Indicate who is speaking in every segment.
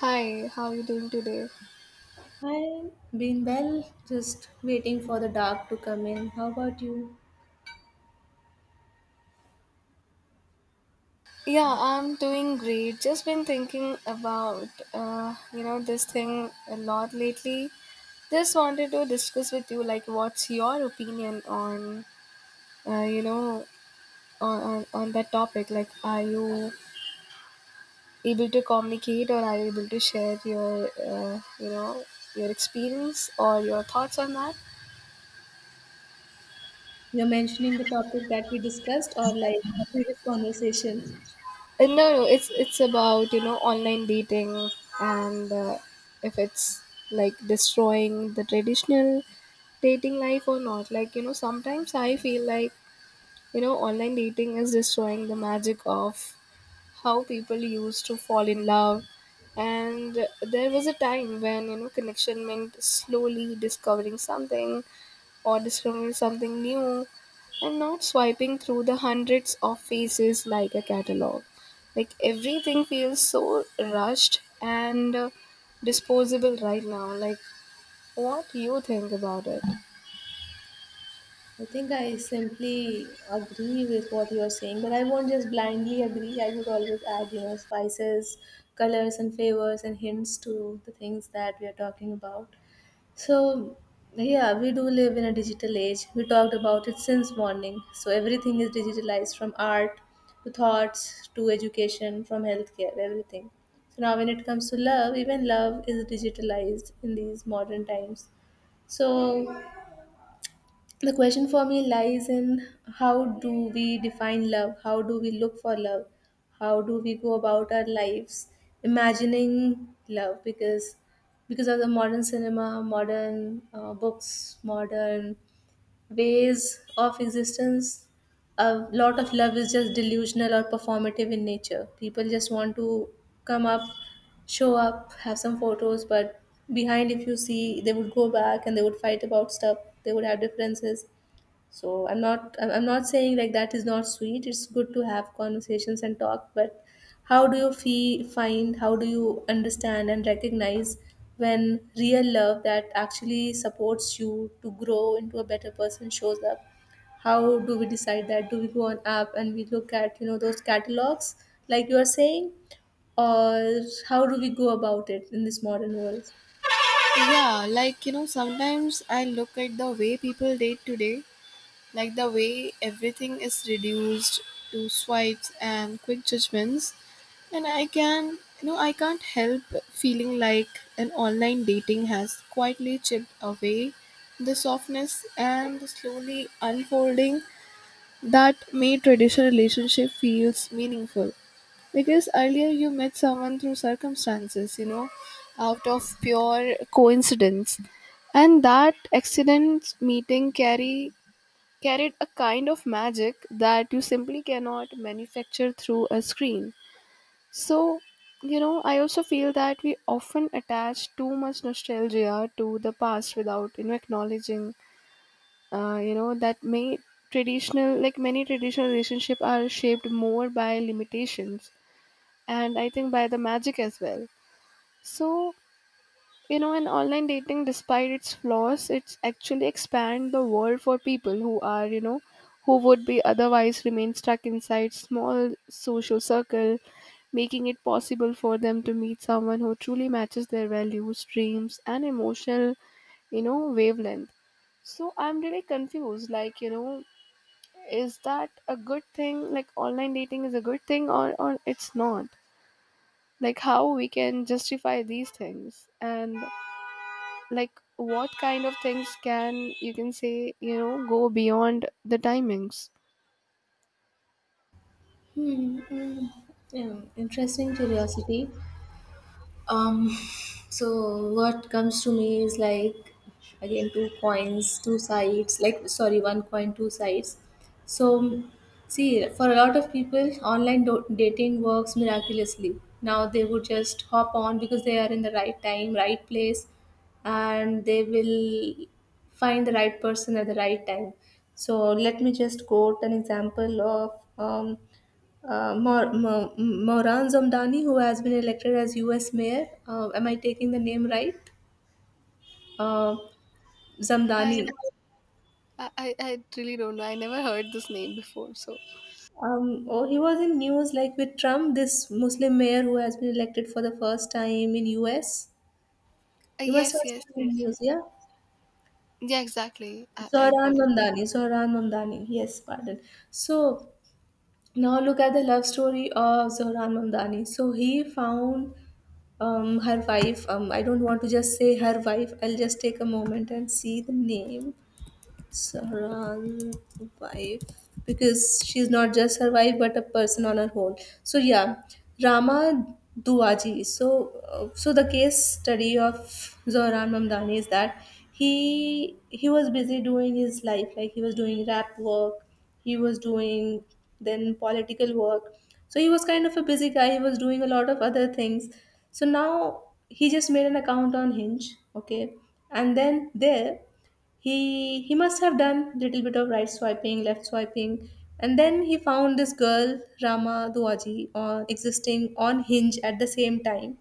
Speaker 1: Hi, how are you doing today?
Speaker 2: I've been well, just waiting for the dark to come in. How about you?
Speaker 1: Yeah, I'm doing great. Just been thinking about this thing a lot lately. Just wanted to discuss with you, like, what's your opinion on uh, you know, on that topic? Like, are you able to communicate, or are you able to share your your experience or your thoughts on that?
Speaker 2: You're mentioning the topic that we discussed, or like previous conversation.
Speaker 1: No, no, it's about, you know, online dating and if it's like destroying the traditional dating life or not. Like, you know, sometimes I feel like, you know, online dating is destroying the magic of how people used to fall in love. And there was a time when, you know, connection meant slowly discovering something or discovering something new, and not swiping through the hundreds of faces like a catalog. Like, everything feels so rushed and disposable right now. Like, what do you think about it?
Speaker 2: I think I simply agree with what you're saying, but I won't just blindly agree. I would always add, spices, colors and flavors and hints to the things that we are talking about. So, yeah, we do live in a digital age. We talked about it since morning. So, everything is digitalized, from art to thoughts to education, from healthcare, everything. So, now when it comes to love, even love is digitalized in these modern times. So, the question for me lies in: how do we define love, how do we look for love, how do we go about our lives imagining love, because of the modern cinema, modern books, modern ways of existence. A lot of love is just delusional or performative in nature. People just want to come up, show up, have some photos, but behind, if you see, they would go back and they would fight about stuff, they would have differences. So I'm not saying like that is not sweet, it's good to have conversations and talk, but how do you feel find, how do you understand and recognize when real love that actually supports you to grow into a better person shows up? How do we decide that? Do we go on app and we look at those catalogs, like you are saying, or how do we go about it in this modern world?
Speaker 1: Yeah, like, you know, sometimes I look at the way people date today, like the way everything is reduced to swipes and quick judgments. And I can't help feeling like an online dating has quietly chipped away the softness and the slowly unfolding that made traditional relationship feels meaningful. Because earlier you met someone through circumstances, you know, out of pure coincidence, and that accident meeting carry carried a kind of magic that you simply cannot manufacture through a screen. So, you know, I also feel that we often attach too much nostalgia to the past without, you know, acknowledging, that may traditional, like, many traditional relationships are shaped more by limitations, and I think by the magic as well. So, you know, and online dating, despite its flaws, it's actually expand the world for people who are, you know, who would be otherwise remain stuck inside small social circle, making it possible for them to meet someone who truly matches their values, dreams, and emotional, you know, wavelength. So I'm really confused. Like, you know, is that a good thing? Like, online dating is a good thing, or it's not? Like, how we can justify these things, and like, what kind of things can you can say, you know, go beyond the timings.
Speaker 2: Hmm. Mm, yeah, interesting curiosity. Um, so what comes to me is, like, again, two coins, two sides. Like, sorry, one coin, two sides. So see, for a lot of people, online dating works miraculously. Now they would just hop on because they are in the right time, right place, and they will find the right person at the right time. So let me just quote an example of Mauran Zamdani, who has been elected as U.S. mayor. Am I taking the name right? Uh, Zamdani.
Speaker 1: I, I really don't know. I never heard this name before. So
Speaker 2: Oh, he was in news like with Trump, this Muslim mayor who has been elected for the first time in U.S. You must have
Speaker 1: yes, yes,
Speaker 2: seen the
Speaker 1: yes.
Speaker 2: news, yeah?
Speaker 1: Yeah, exactly. I
Speaker 2: Zohran
Speaker 1: got it.
Speaker 2: Mamdani, Zohran Mamdani. Yes, pardon. So now look at the love story of Zohran Mamdani. So he found her wife, I don't want to just say her wife, I'll just take a moment and see the name. Saran wife, because she's not just her wife but a person on her own. So yeah, Rama Duaji. So the case study of Zohran Mamdani is that he was busy doing his life, like he was doing rap work, he was doing then political work. So he was kind of a busy guy. He was doing a lot of other things. So now he just made an account on Hinge, okay, and then there he must have done little bit of right swiping, left swiping, and then he found this girl Rama Duaji on, existing on Hinge at the same time.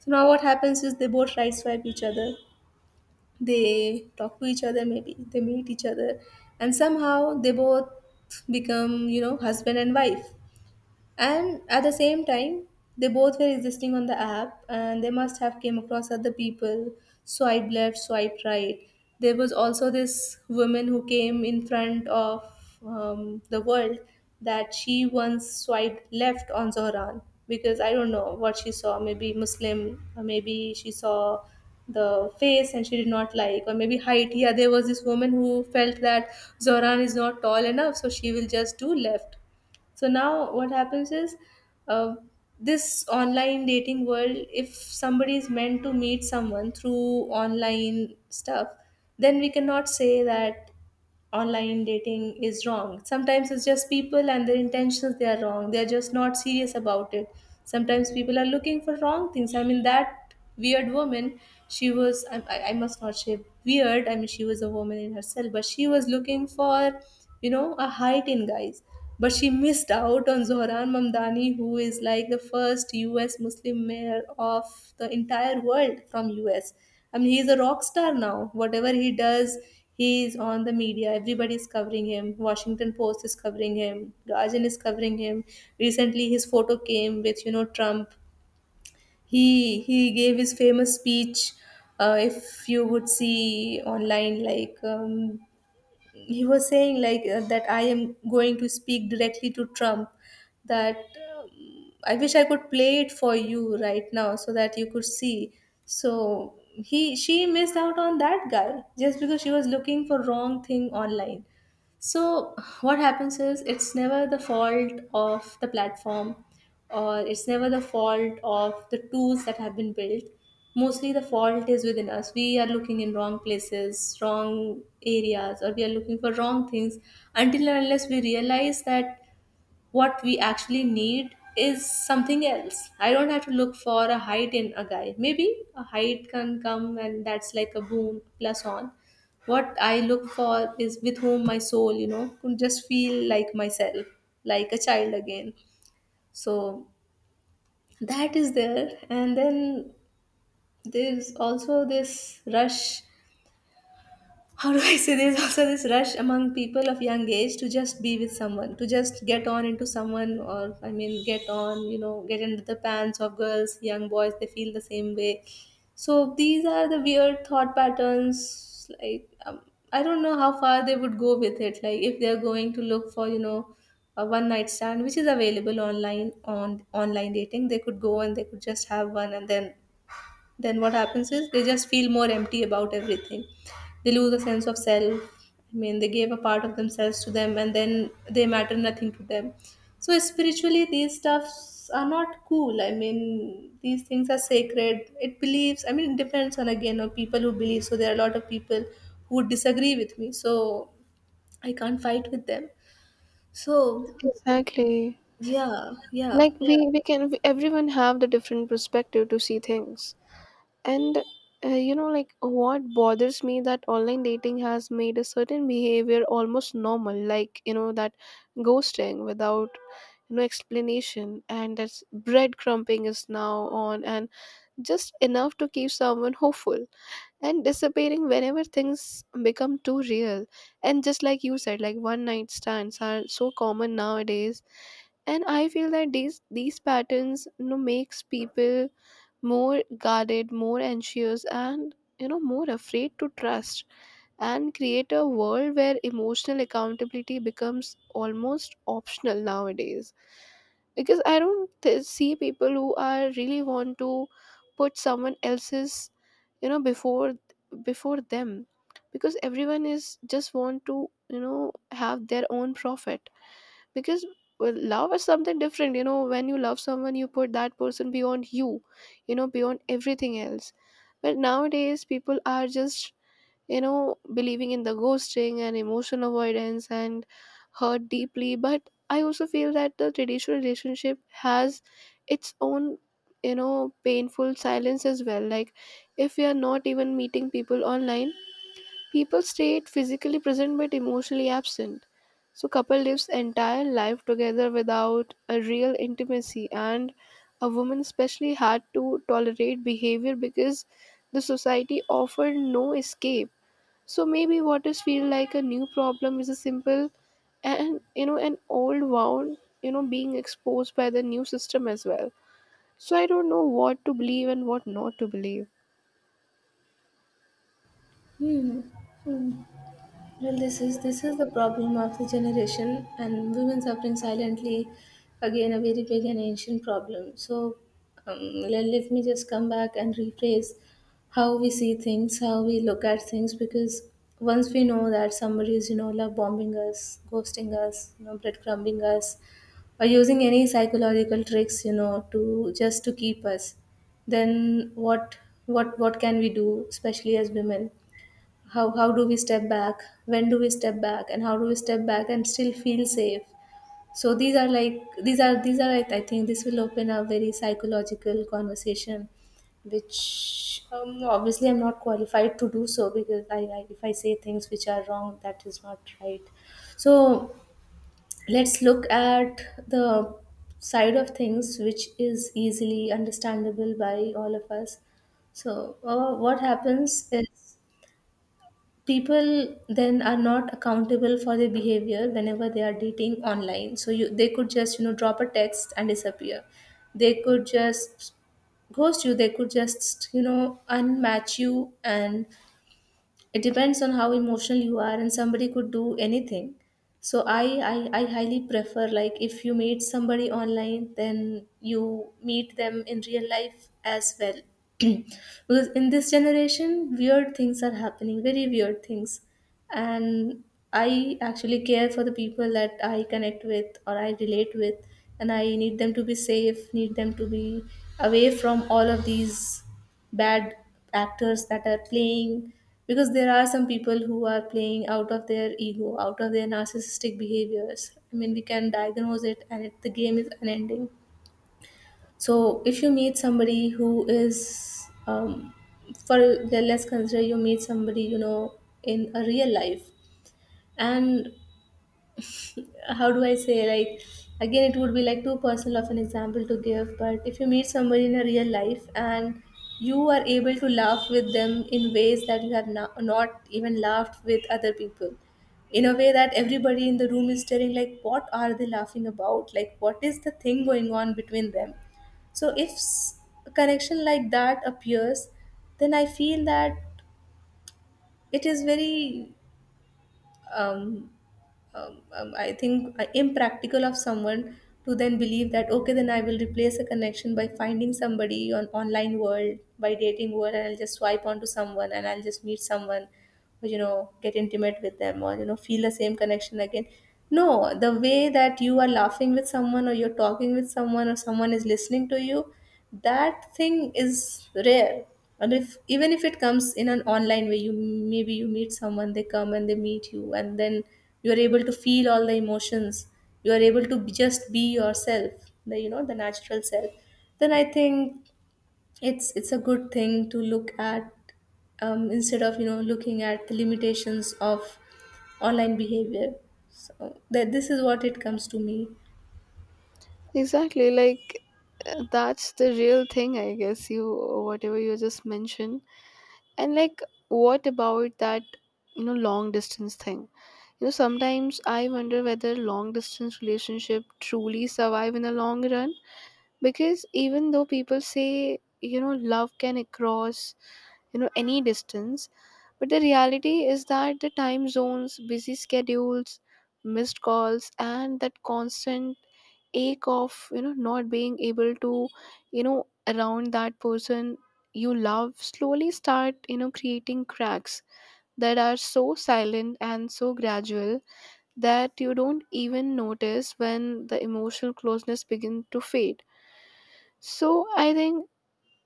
Speaker 2: So now what happens is, they both right swipe each other, they talk to each other, maybe they meet each other, and somehow they both become, husband and wife. And at the same time they both were existing on the app, and they must have came across other people, swipe left, swipe right. There was also this woman who came in front of the world, that she once swiped left on Zohran, because I don't know what she saw, maybe Muslim, or maybe she saw the face and she did not like, or maybe height. Yeah, there was this woman who felt that Zohran is not tall enough, so she will just do left. So now what happens is, uh, this online dating world, if somebody is meant to meet someone through online stuff, then we cannot say that online dating is wrong. Sometimes it's just people, and their intentions, they are wrong. They're just not serious about it. Sometimes people are looking for wrong things. I mean, that weird woman, she was, I must not say weird, I mean she was a woman in herself, but she was looking for, a height in guys, but she missed out on Zohran Mamdani, who is like the first US Muslim mayor of the entire world from US. I mean, he's a rock star now. Whatever he does, he's on the media. Everybody is covering him. Washington Post is covering him. Guardian is covering him. Recently, his photo came with, Trump. He gave his famous speech, if you would see online, like, he was saying like, that I am going to speak directly to Trump. That, I wish I could play it for you right now so that you could see. So he she missed out on that guy just because she was looking for wrong thing online. So what happens is, it's never the fault of the platform, or it's never the fault of the tools that have been built. Mostly the fault is within us. We are looking in wrong places, wrong areas, or we are looking for wrong things, until and unless we realize that what we actually need is something else. I don't have to look for a height in a guy. Maybe a height can come and that's like a boom plus on. What I look for is with whom my soul could just feel like myself, like a child again. So that is there, and then there's also this rush, how do I say, there's also this rush among people of young age to just be with someone, to just get on into someone, or I mean, get on, get into the pants of girls, young boys, they feel the same way. So these are the weird thought patterns. Like, I don't know how far they would go with it. Like, if they're going to look for a one night stand which is available online, on online dating, they could go and they could just have one, and then what happens is they just feel more empty about everything, they lose a sense of self. I mean, they gave a part of themselves to them and then they matter nothing to them. So spiritually, these stuffs are not cool. I mean, these things are sacred, it believes, I mean it depends on, again, on people who believe. So there are a lot of people who would disagree with me, so I can't fight with them. So
Speaker 1: Exactly,
Speaker 2: yeah, yeah.
Speaker 1: like, yeah. Everyone have the different perspective to see things. And like, what bothers me that online dating has made a certain behavior almost normal, like, you know, that ghosting without no explanation, and that breadcrumbing is now on, and just enough to keep someone hopeful and disappearing whenever things become too real. And just like you said, like, one night stands are so common nowadays, and I feel that these patterns, you know, makes people more guarded, more anxious, and, you know, more afraid to trust, and create a world where emotional accountability becomes almost optional nowadays. Because I don't see people who are really want to put someone else's, you know, before them, because everyone is just want to, you know, have their own profit. Because, well, love is something different, you know. When you love someone, you put that person beyond you, you know, beyond everything else. But nowadays people are just, you know, believing in the ghosting and emotional avoidance, and hurt deeply. But I also feel that the traditional relationship has its own, you know, painful silence as well. Like, if we are not even meeting people online, people stay physically present but emotionally absent. So, couple lives entire life together without a real intimacy, and a woman especially had to tolerate behavior because the society offered no escape. So maybe what is feel like a new problem is a simple and, you know, an old wound, you know, being exposed by the new system as well. So I don't know what to believe and what not to believe.
Speaker 2: Hmm. Hmm. Well, this is the problem of the generation, and women suffering silently. Again, a very big and ancient problem. So, um, let me just come back and rephrase how we see things, how we look at things. Because once we know that somebody is, love bombing us, ghosting us, breadcrumbing us, or using any psychological tricks, to just to keep us, then what can we do, especially as women? How do we step back, when do we step back, and how do we step back and still feel safe? So these are like these are I think this will open a very psychological conversation, which obviously I'm not qualified to do so, because I if I say things which are wrong, that is not right. So let's look at the side of things which is easily understandable by all of us. So what happens is, people then are not accountable for their behavior whenever they are dating online, so you they could just drop a text and disappear. They could just ghost you, they could just unmatch you, and it depends on how emotional you are and somebody could do anything. So I highly prefer, like if you meet somebody online then you meet them in real life as well because in this generation weird things are happening, very weird things. And I actually care for the people that I connect with or I relate with, and I need them to be safe, need them to be away from all of these bad actors that are playing, because there are some people who are playing out of their ego, out of their narcissistic behaviors. I mean, we can diagnose it, and the game is unending. So if you meet somebody who is for, let's consider, you meet somebody in a real life, and how do I say, like, again, it would be like too personal of an example to give, but if you meet somebody in a real life, and you are able to laugh with them in ways that you have not even laughed with other people, in a way that everybody in the room is staring, like, what are they laughing about? Like, what is the thing going on between them? So if s- A connection like that appears, then I feel that it is very um, I think impractical of someone to then believe that, okay, then I will replace a connection by finding somebody on online world, by dating world, and I'll just swipe onto someone and I'll just meet someone. Or get intimate with them, or feel the same connection again. No, the way that you are laughing with someone, or you're talking with someone, or someone is listening to you, that thing is rare. And if even if it comes in an online way, you maybe you meet someone, they come and they meet you, and then you are able to feel all the emotions, you are able to just be yourself, the the natural self, then I think it's a good thing to look at, instead of looking at the limitations of online behavior. So that, this is what it comes to me.
Speaker 1: Exactly, like that's the real thing, I guess. You, whatever you just mentioned, and like, what about that, you know, long distance thing? You know, sometimes I wonder whether long distance relationship truly survive in the long run, because even though people say, you know, love can cross, you know, any distance, but the reality is that the time zones, busy schedules, missed calls, and that constant ache of, you know, not being able to, you know, around that person you love slowly start, you know, creating cracks that are so silent and so gradual that you don't even notice when the emotional closeness begin to fade. So I think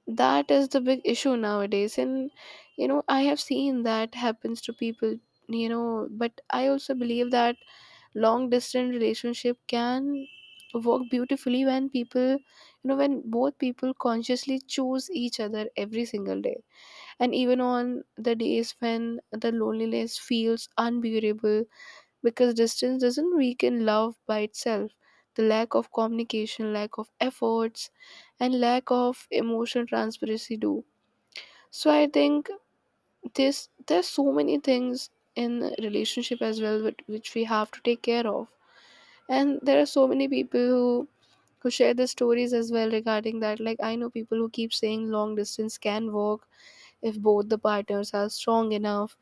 Speaker 1: that is the big issue nowadays. And, you know, I have seen that happens to people, you know, but I also believe that long distance relationship can work beautifully when people you know when both people consciously choose each other every single day, and even on the days when the loneliness feels unbearable, because distance doesn't weaken love by itself. The lack of communication, lack of efforts, and lack of emotional transparency do. So I think this there's so many things in relationship as well which we have to take care of. And there are so many people who share their stories as well regarding that. Like, I know people who keep saying long distance can work if both the partners are strong enough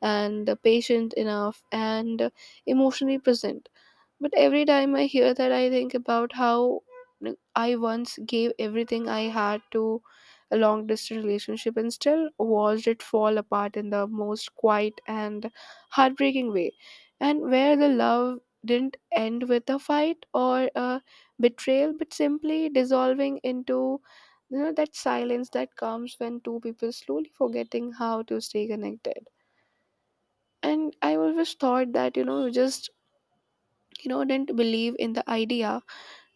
Speaker 1: and patient enough and emotionally present. But every time I hear that, I think about how, like, I once gave everything I had to a long distance relationship and still watched it fall apart in the most quiet and heartbreaking way. And where the love didn't end with a fight or a betrayal, but simply dissolving into, you know, that silence that comes when two people slowly forgetting how to stay connected. And I always thought that, you know, you just, you know, didn't believe in the idea,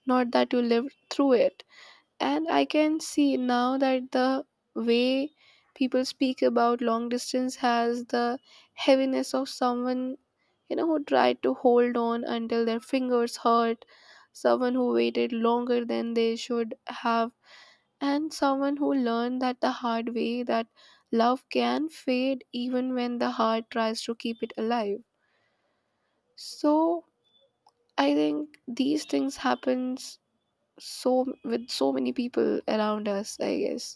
Speaker 1: not that you lived through it. And I can see now that the way people speak about long distance has the heaviness of someone, you know, who tried to hold on until their fingers hurt, someone who waited longer than they should have, and someone who learned that the hard way that love can fade even when the heart tries to keep it alive. So I think these things happens, so, with so many people around us, I guess.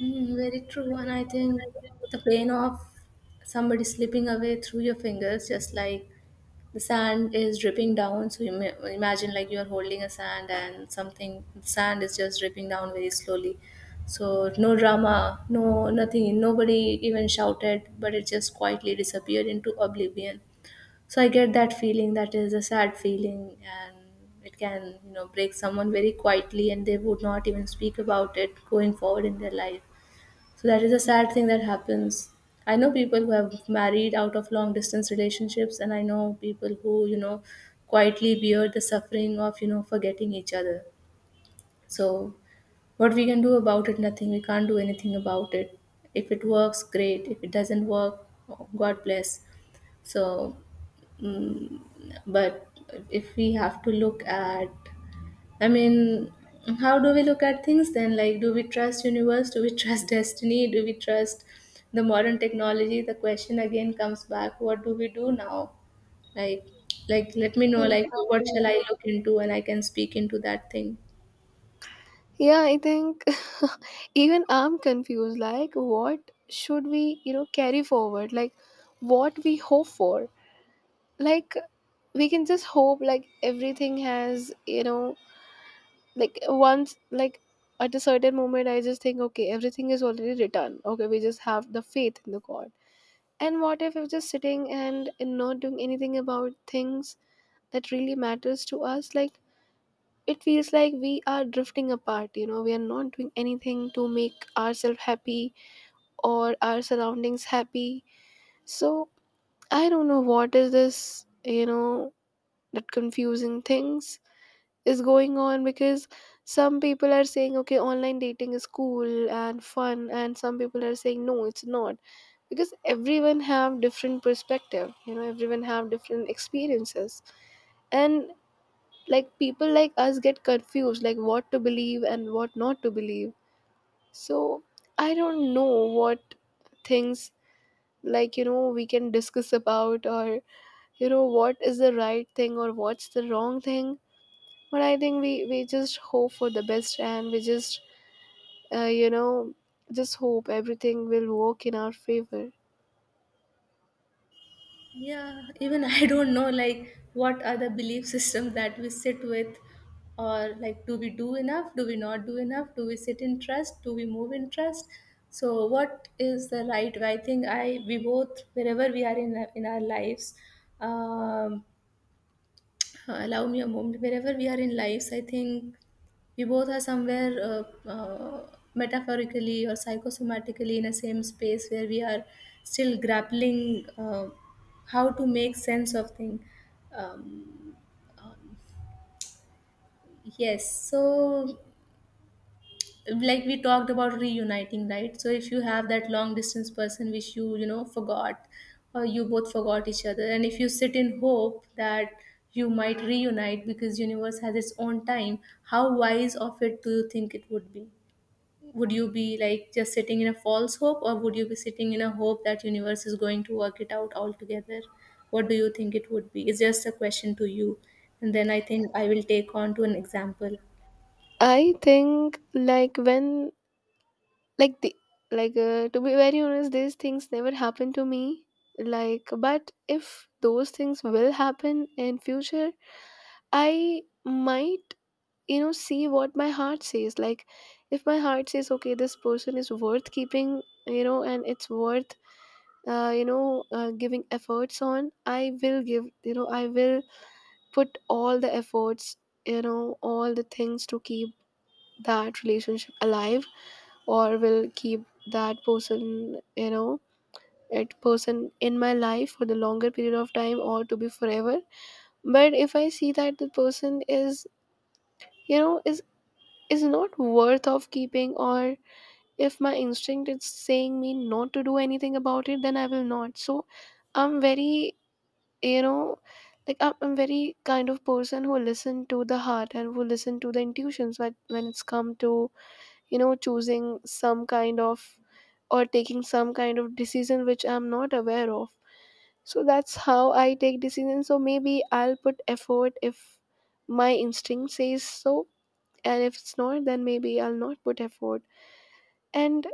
Speaker 2: Mm, very true. And I think the pain of somebody slipping away through your fingers, just like the sand is dripping down. So you may, imagine like you're holding a sand and something, sand is just dripping down very slowly. So no drama, no nothing. Nobody even shouted, but it just quietly disappeared into oblivion. So I get that feeling. That is a sad feeling, and it can, break someone very quietly, and they would not even speak about it going forward in their life. So that is a sad thing that happens. I know people who have married out of long distance relationships, and I know people who, quietly bear the suffering of, forgetting each other. So, what we can do about it? Nothing. We can't do anything about it. If it works, great. If it doesn't work, God bless. So, mm, but if we have to look at, I mean, how do we look at things then? Like, do we trust universe? Do we trust destiny? Do we trust the modern technology? The question again comes back: What do we do now? Like, let me know. Like, what
Speaker 1: Exactly.
Speaker 2: shall I look into, and I can speak into that thing.
Speaker 1: Yeah, I think, even I'm confused, like, what should we, you know, carry forward, like, what we hope for. Like, we can just hope like everything has, you know, like, once, like, at a certain moment I just think, okay, everything is already written, okay, we just have the faith in the god. And what if we're just sitting and not doing anything about things that really matters to us? Like, it feels like we are drifting apart, you know, we are not doing anything to make ourselves happy or our surroundings happy. So I don't know what is this, you know, that confusing things is going on, because some people are saying okay, online dating is cool and fun, and some people are saying no, it's not. Because everyone have different perspective, you know, everyone have different experiences, and like, people like us get confused, like, what to believe and what not to believe. So I don't know what things, like, you know, we can discuss about, or, you know, what is the right thing or what's the wrong thing. But I think we just hope for the best, and we just, you know, just hope everything will work in our favor.
Speaker 2: Yeah, even I don't know like what are the belief systems that we sit with, or like do we do enough? Do we not do enough? Do we sit in trust? Do we move in trust? So what is the right way? I think I we both, wherever we are in our lives, um, allow me a moment. Wherever we are in lives, I think we both are somewhere uh, metaphorically or psychosomatically in a same space where we are still grappling how to make sense of things. um, um, yes, so like we talked about reuniting, right? So if you have that long distance person which you know, forgot, or you both forgot each other, and if you sit in hope that you might reunite because universe has its own time, how wise of it do you think it would be? Would you be like just sitting in a false hope, or would you be sitting in a hope that universe is going to work it out altogether? What do you think it would be? It's just a question to you, and then I think I will take on to an example.
Speaker 1: I think, like, when, like the like to be very honest, these things never happen to me. Like, but if those things will happen in future, I might, you know, see what my heart says. Like, if my heart says okay, this person is worth keeping, you know, and it's worth giving efforts on, I will give, you know, I will put all the efforts, you know, all the things to keep that relationship alive, or will keep that person you know that person in my life for the longer period of time, or to be forever. But if I see that the person is, you know, is not worth of keeping, or if my instinct is saying me not to do anything about it, then I will not. So I'm very, you know, like, I'm very kind of person who listen to the heart and who listen to the intuitions, when it's come to, you know, choosing some kind of, or taking some kind of decision which I'm not aware of. So that's how I take decisions. So maybe I'll put effort if my instinct says so, and if it's not, then maybe I'll not put effort. And,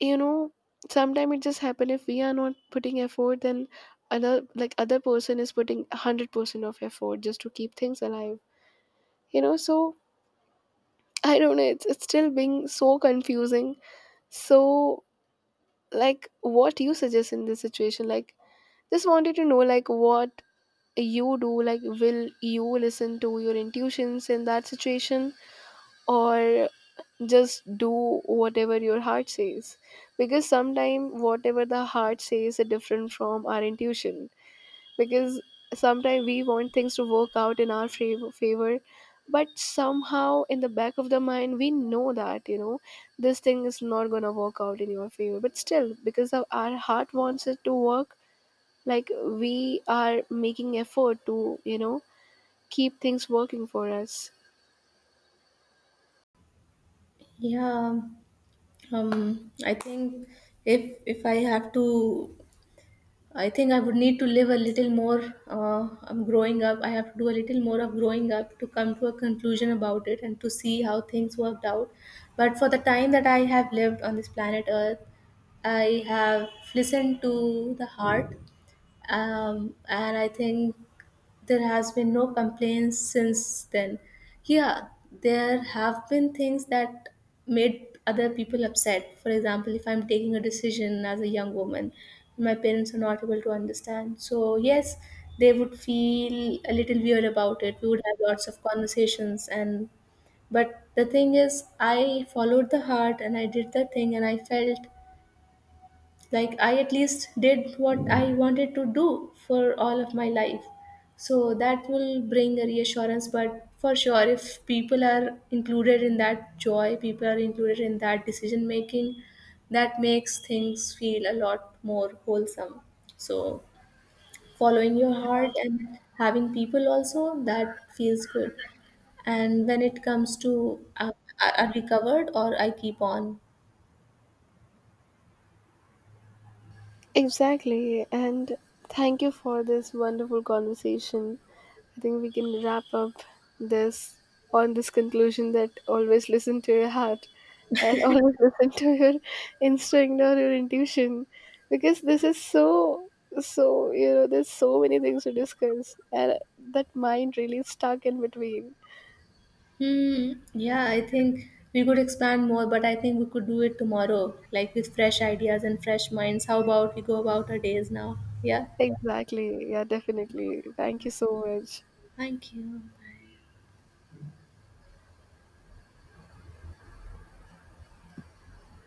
Speaker 1: you know, sometimes it just happen, if we are not putting effort, then other person is putting 100% of effort just to keep things alive, you know. So I don't know, it's still being so confusing. So, like, what do you suggest in this situation? Like, just wanted to know, like, what you do. Like, will you listen to your intuitions in that situation, or just do whatever your heart says? Because sometimes whatever the heart says is different from our intuition, because sometimes we want things to work out in our favor, but somehow in the back of the mind we know that, you know, this thing is not going to work out in your favor, but still, because of our heart wants it to work, like, we are making effort to, you know, keep things working for us.
Speaker 2: Yeah. I think if I have to, I think I would need to live a little more. I'm growing up. I have to do a little more of growing up to come to a conclusion about it and to see how things worked out. But for the time that I have lived on this planet Earth, I have listened to the heart, and I think there has been no complaints since then. Yeah, there have been things that made other people upset. For example, if I'm taking a decision as a young woman, my parents are not able to understand. So yes, they would feel a little weird about it. We would have lots of conversations, and but the thing is, I followed the heart and I did the thing, and I felt like I at least did what I wanted to do for all of my life. So that will bring a reassurance. But for sure, if people are included in that joy, people are included in that decision making, that makes things feel a lot more wholesome. So following your heart and having people also, that feels good. And when it comes to, are we covered, or I keep on.
Speaker 1: Exactly, and thank you for this wonderful conversation. I think we can wrap up this on this conclusion that always listen to your heart, and always listen to your instinct or your intuition, because this is so, so, you know, there's so many things to discuss and that mind really is stuck in between.
Speaker 2: Hmm. Yeah, I think we could expand more, but I think we could do it tomorrow, like with fresh ideas and fresh minds. How about we go about our days now? Yeah.
Speaker 1: Exactly, yeah, definitely, thank you so much.
Speaker 2: Thank you. Bye.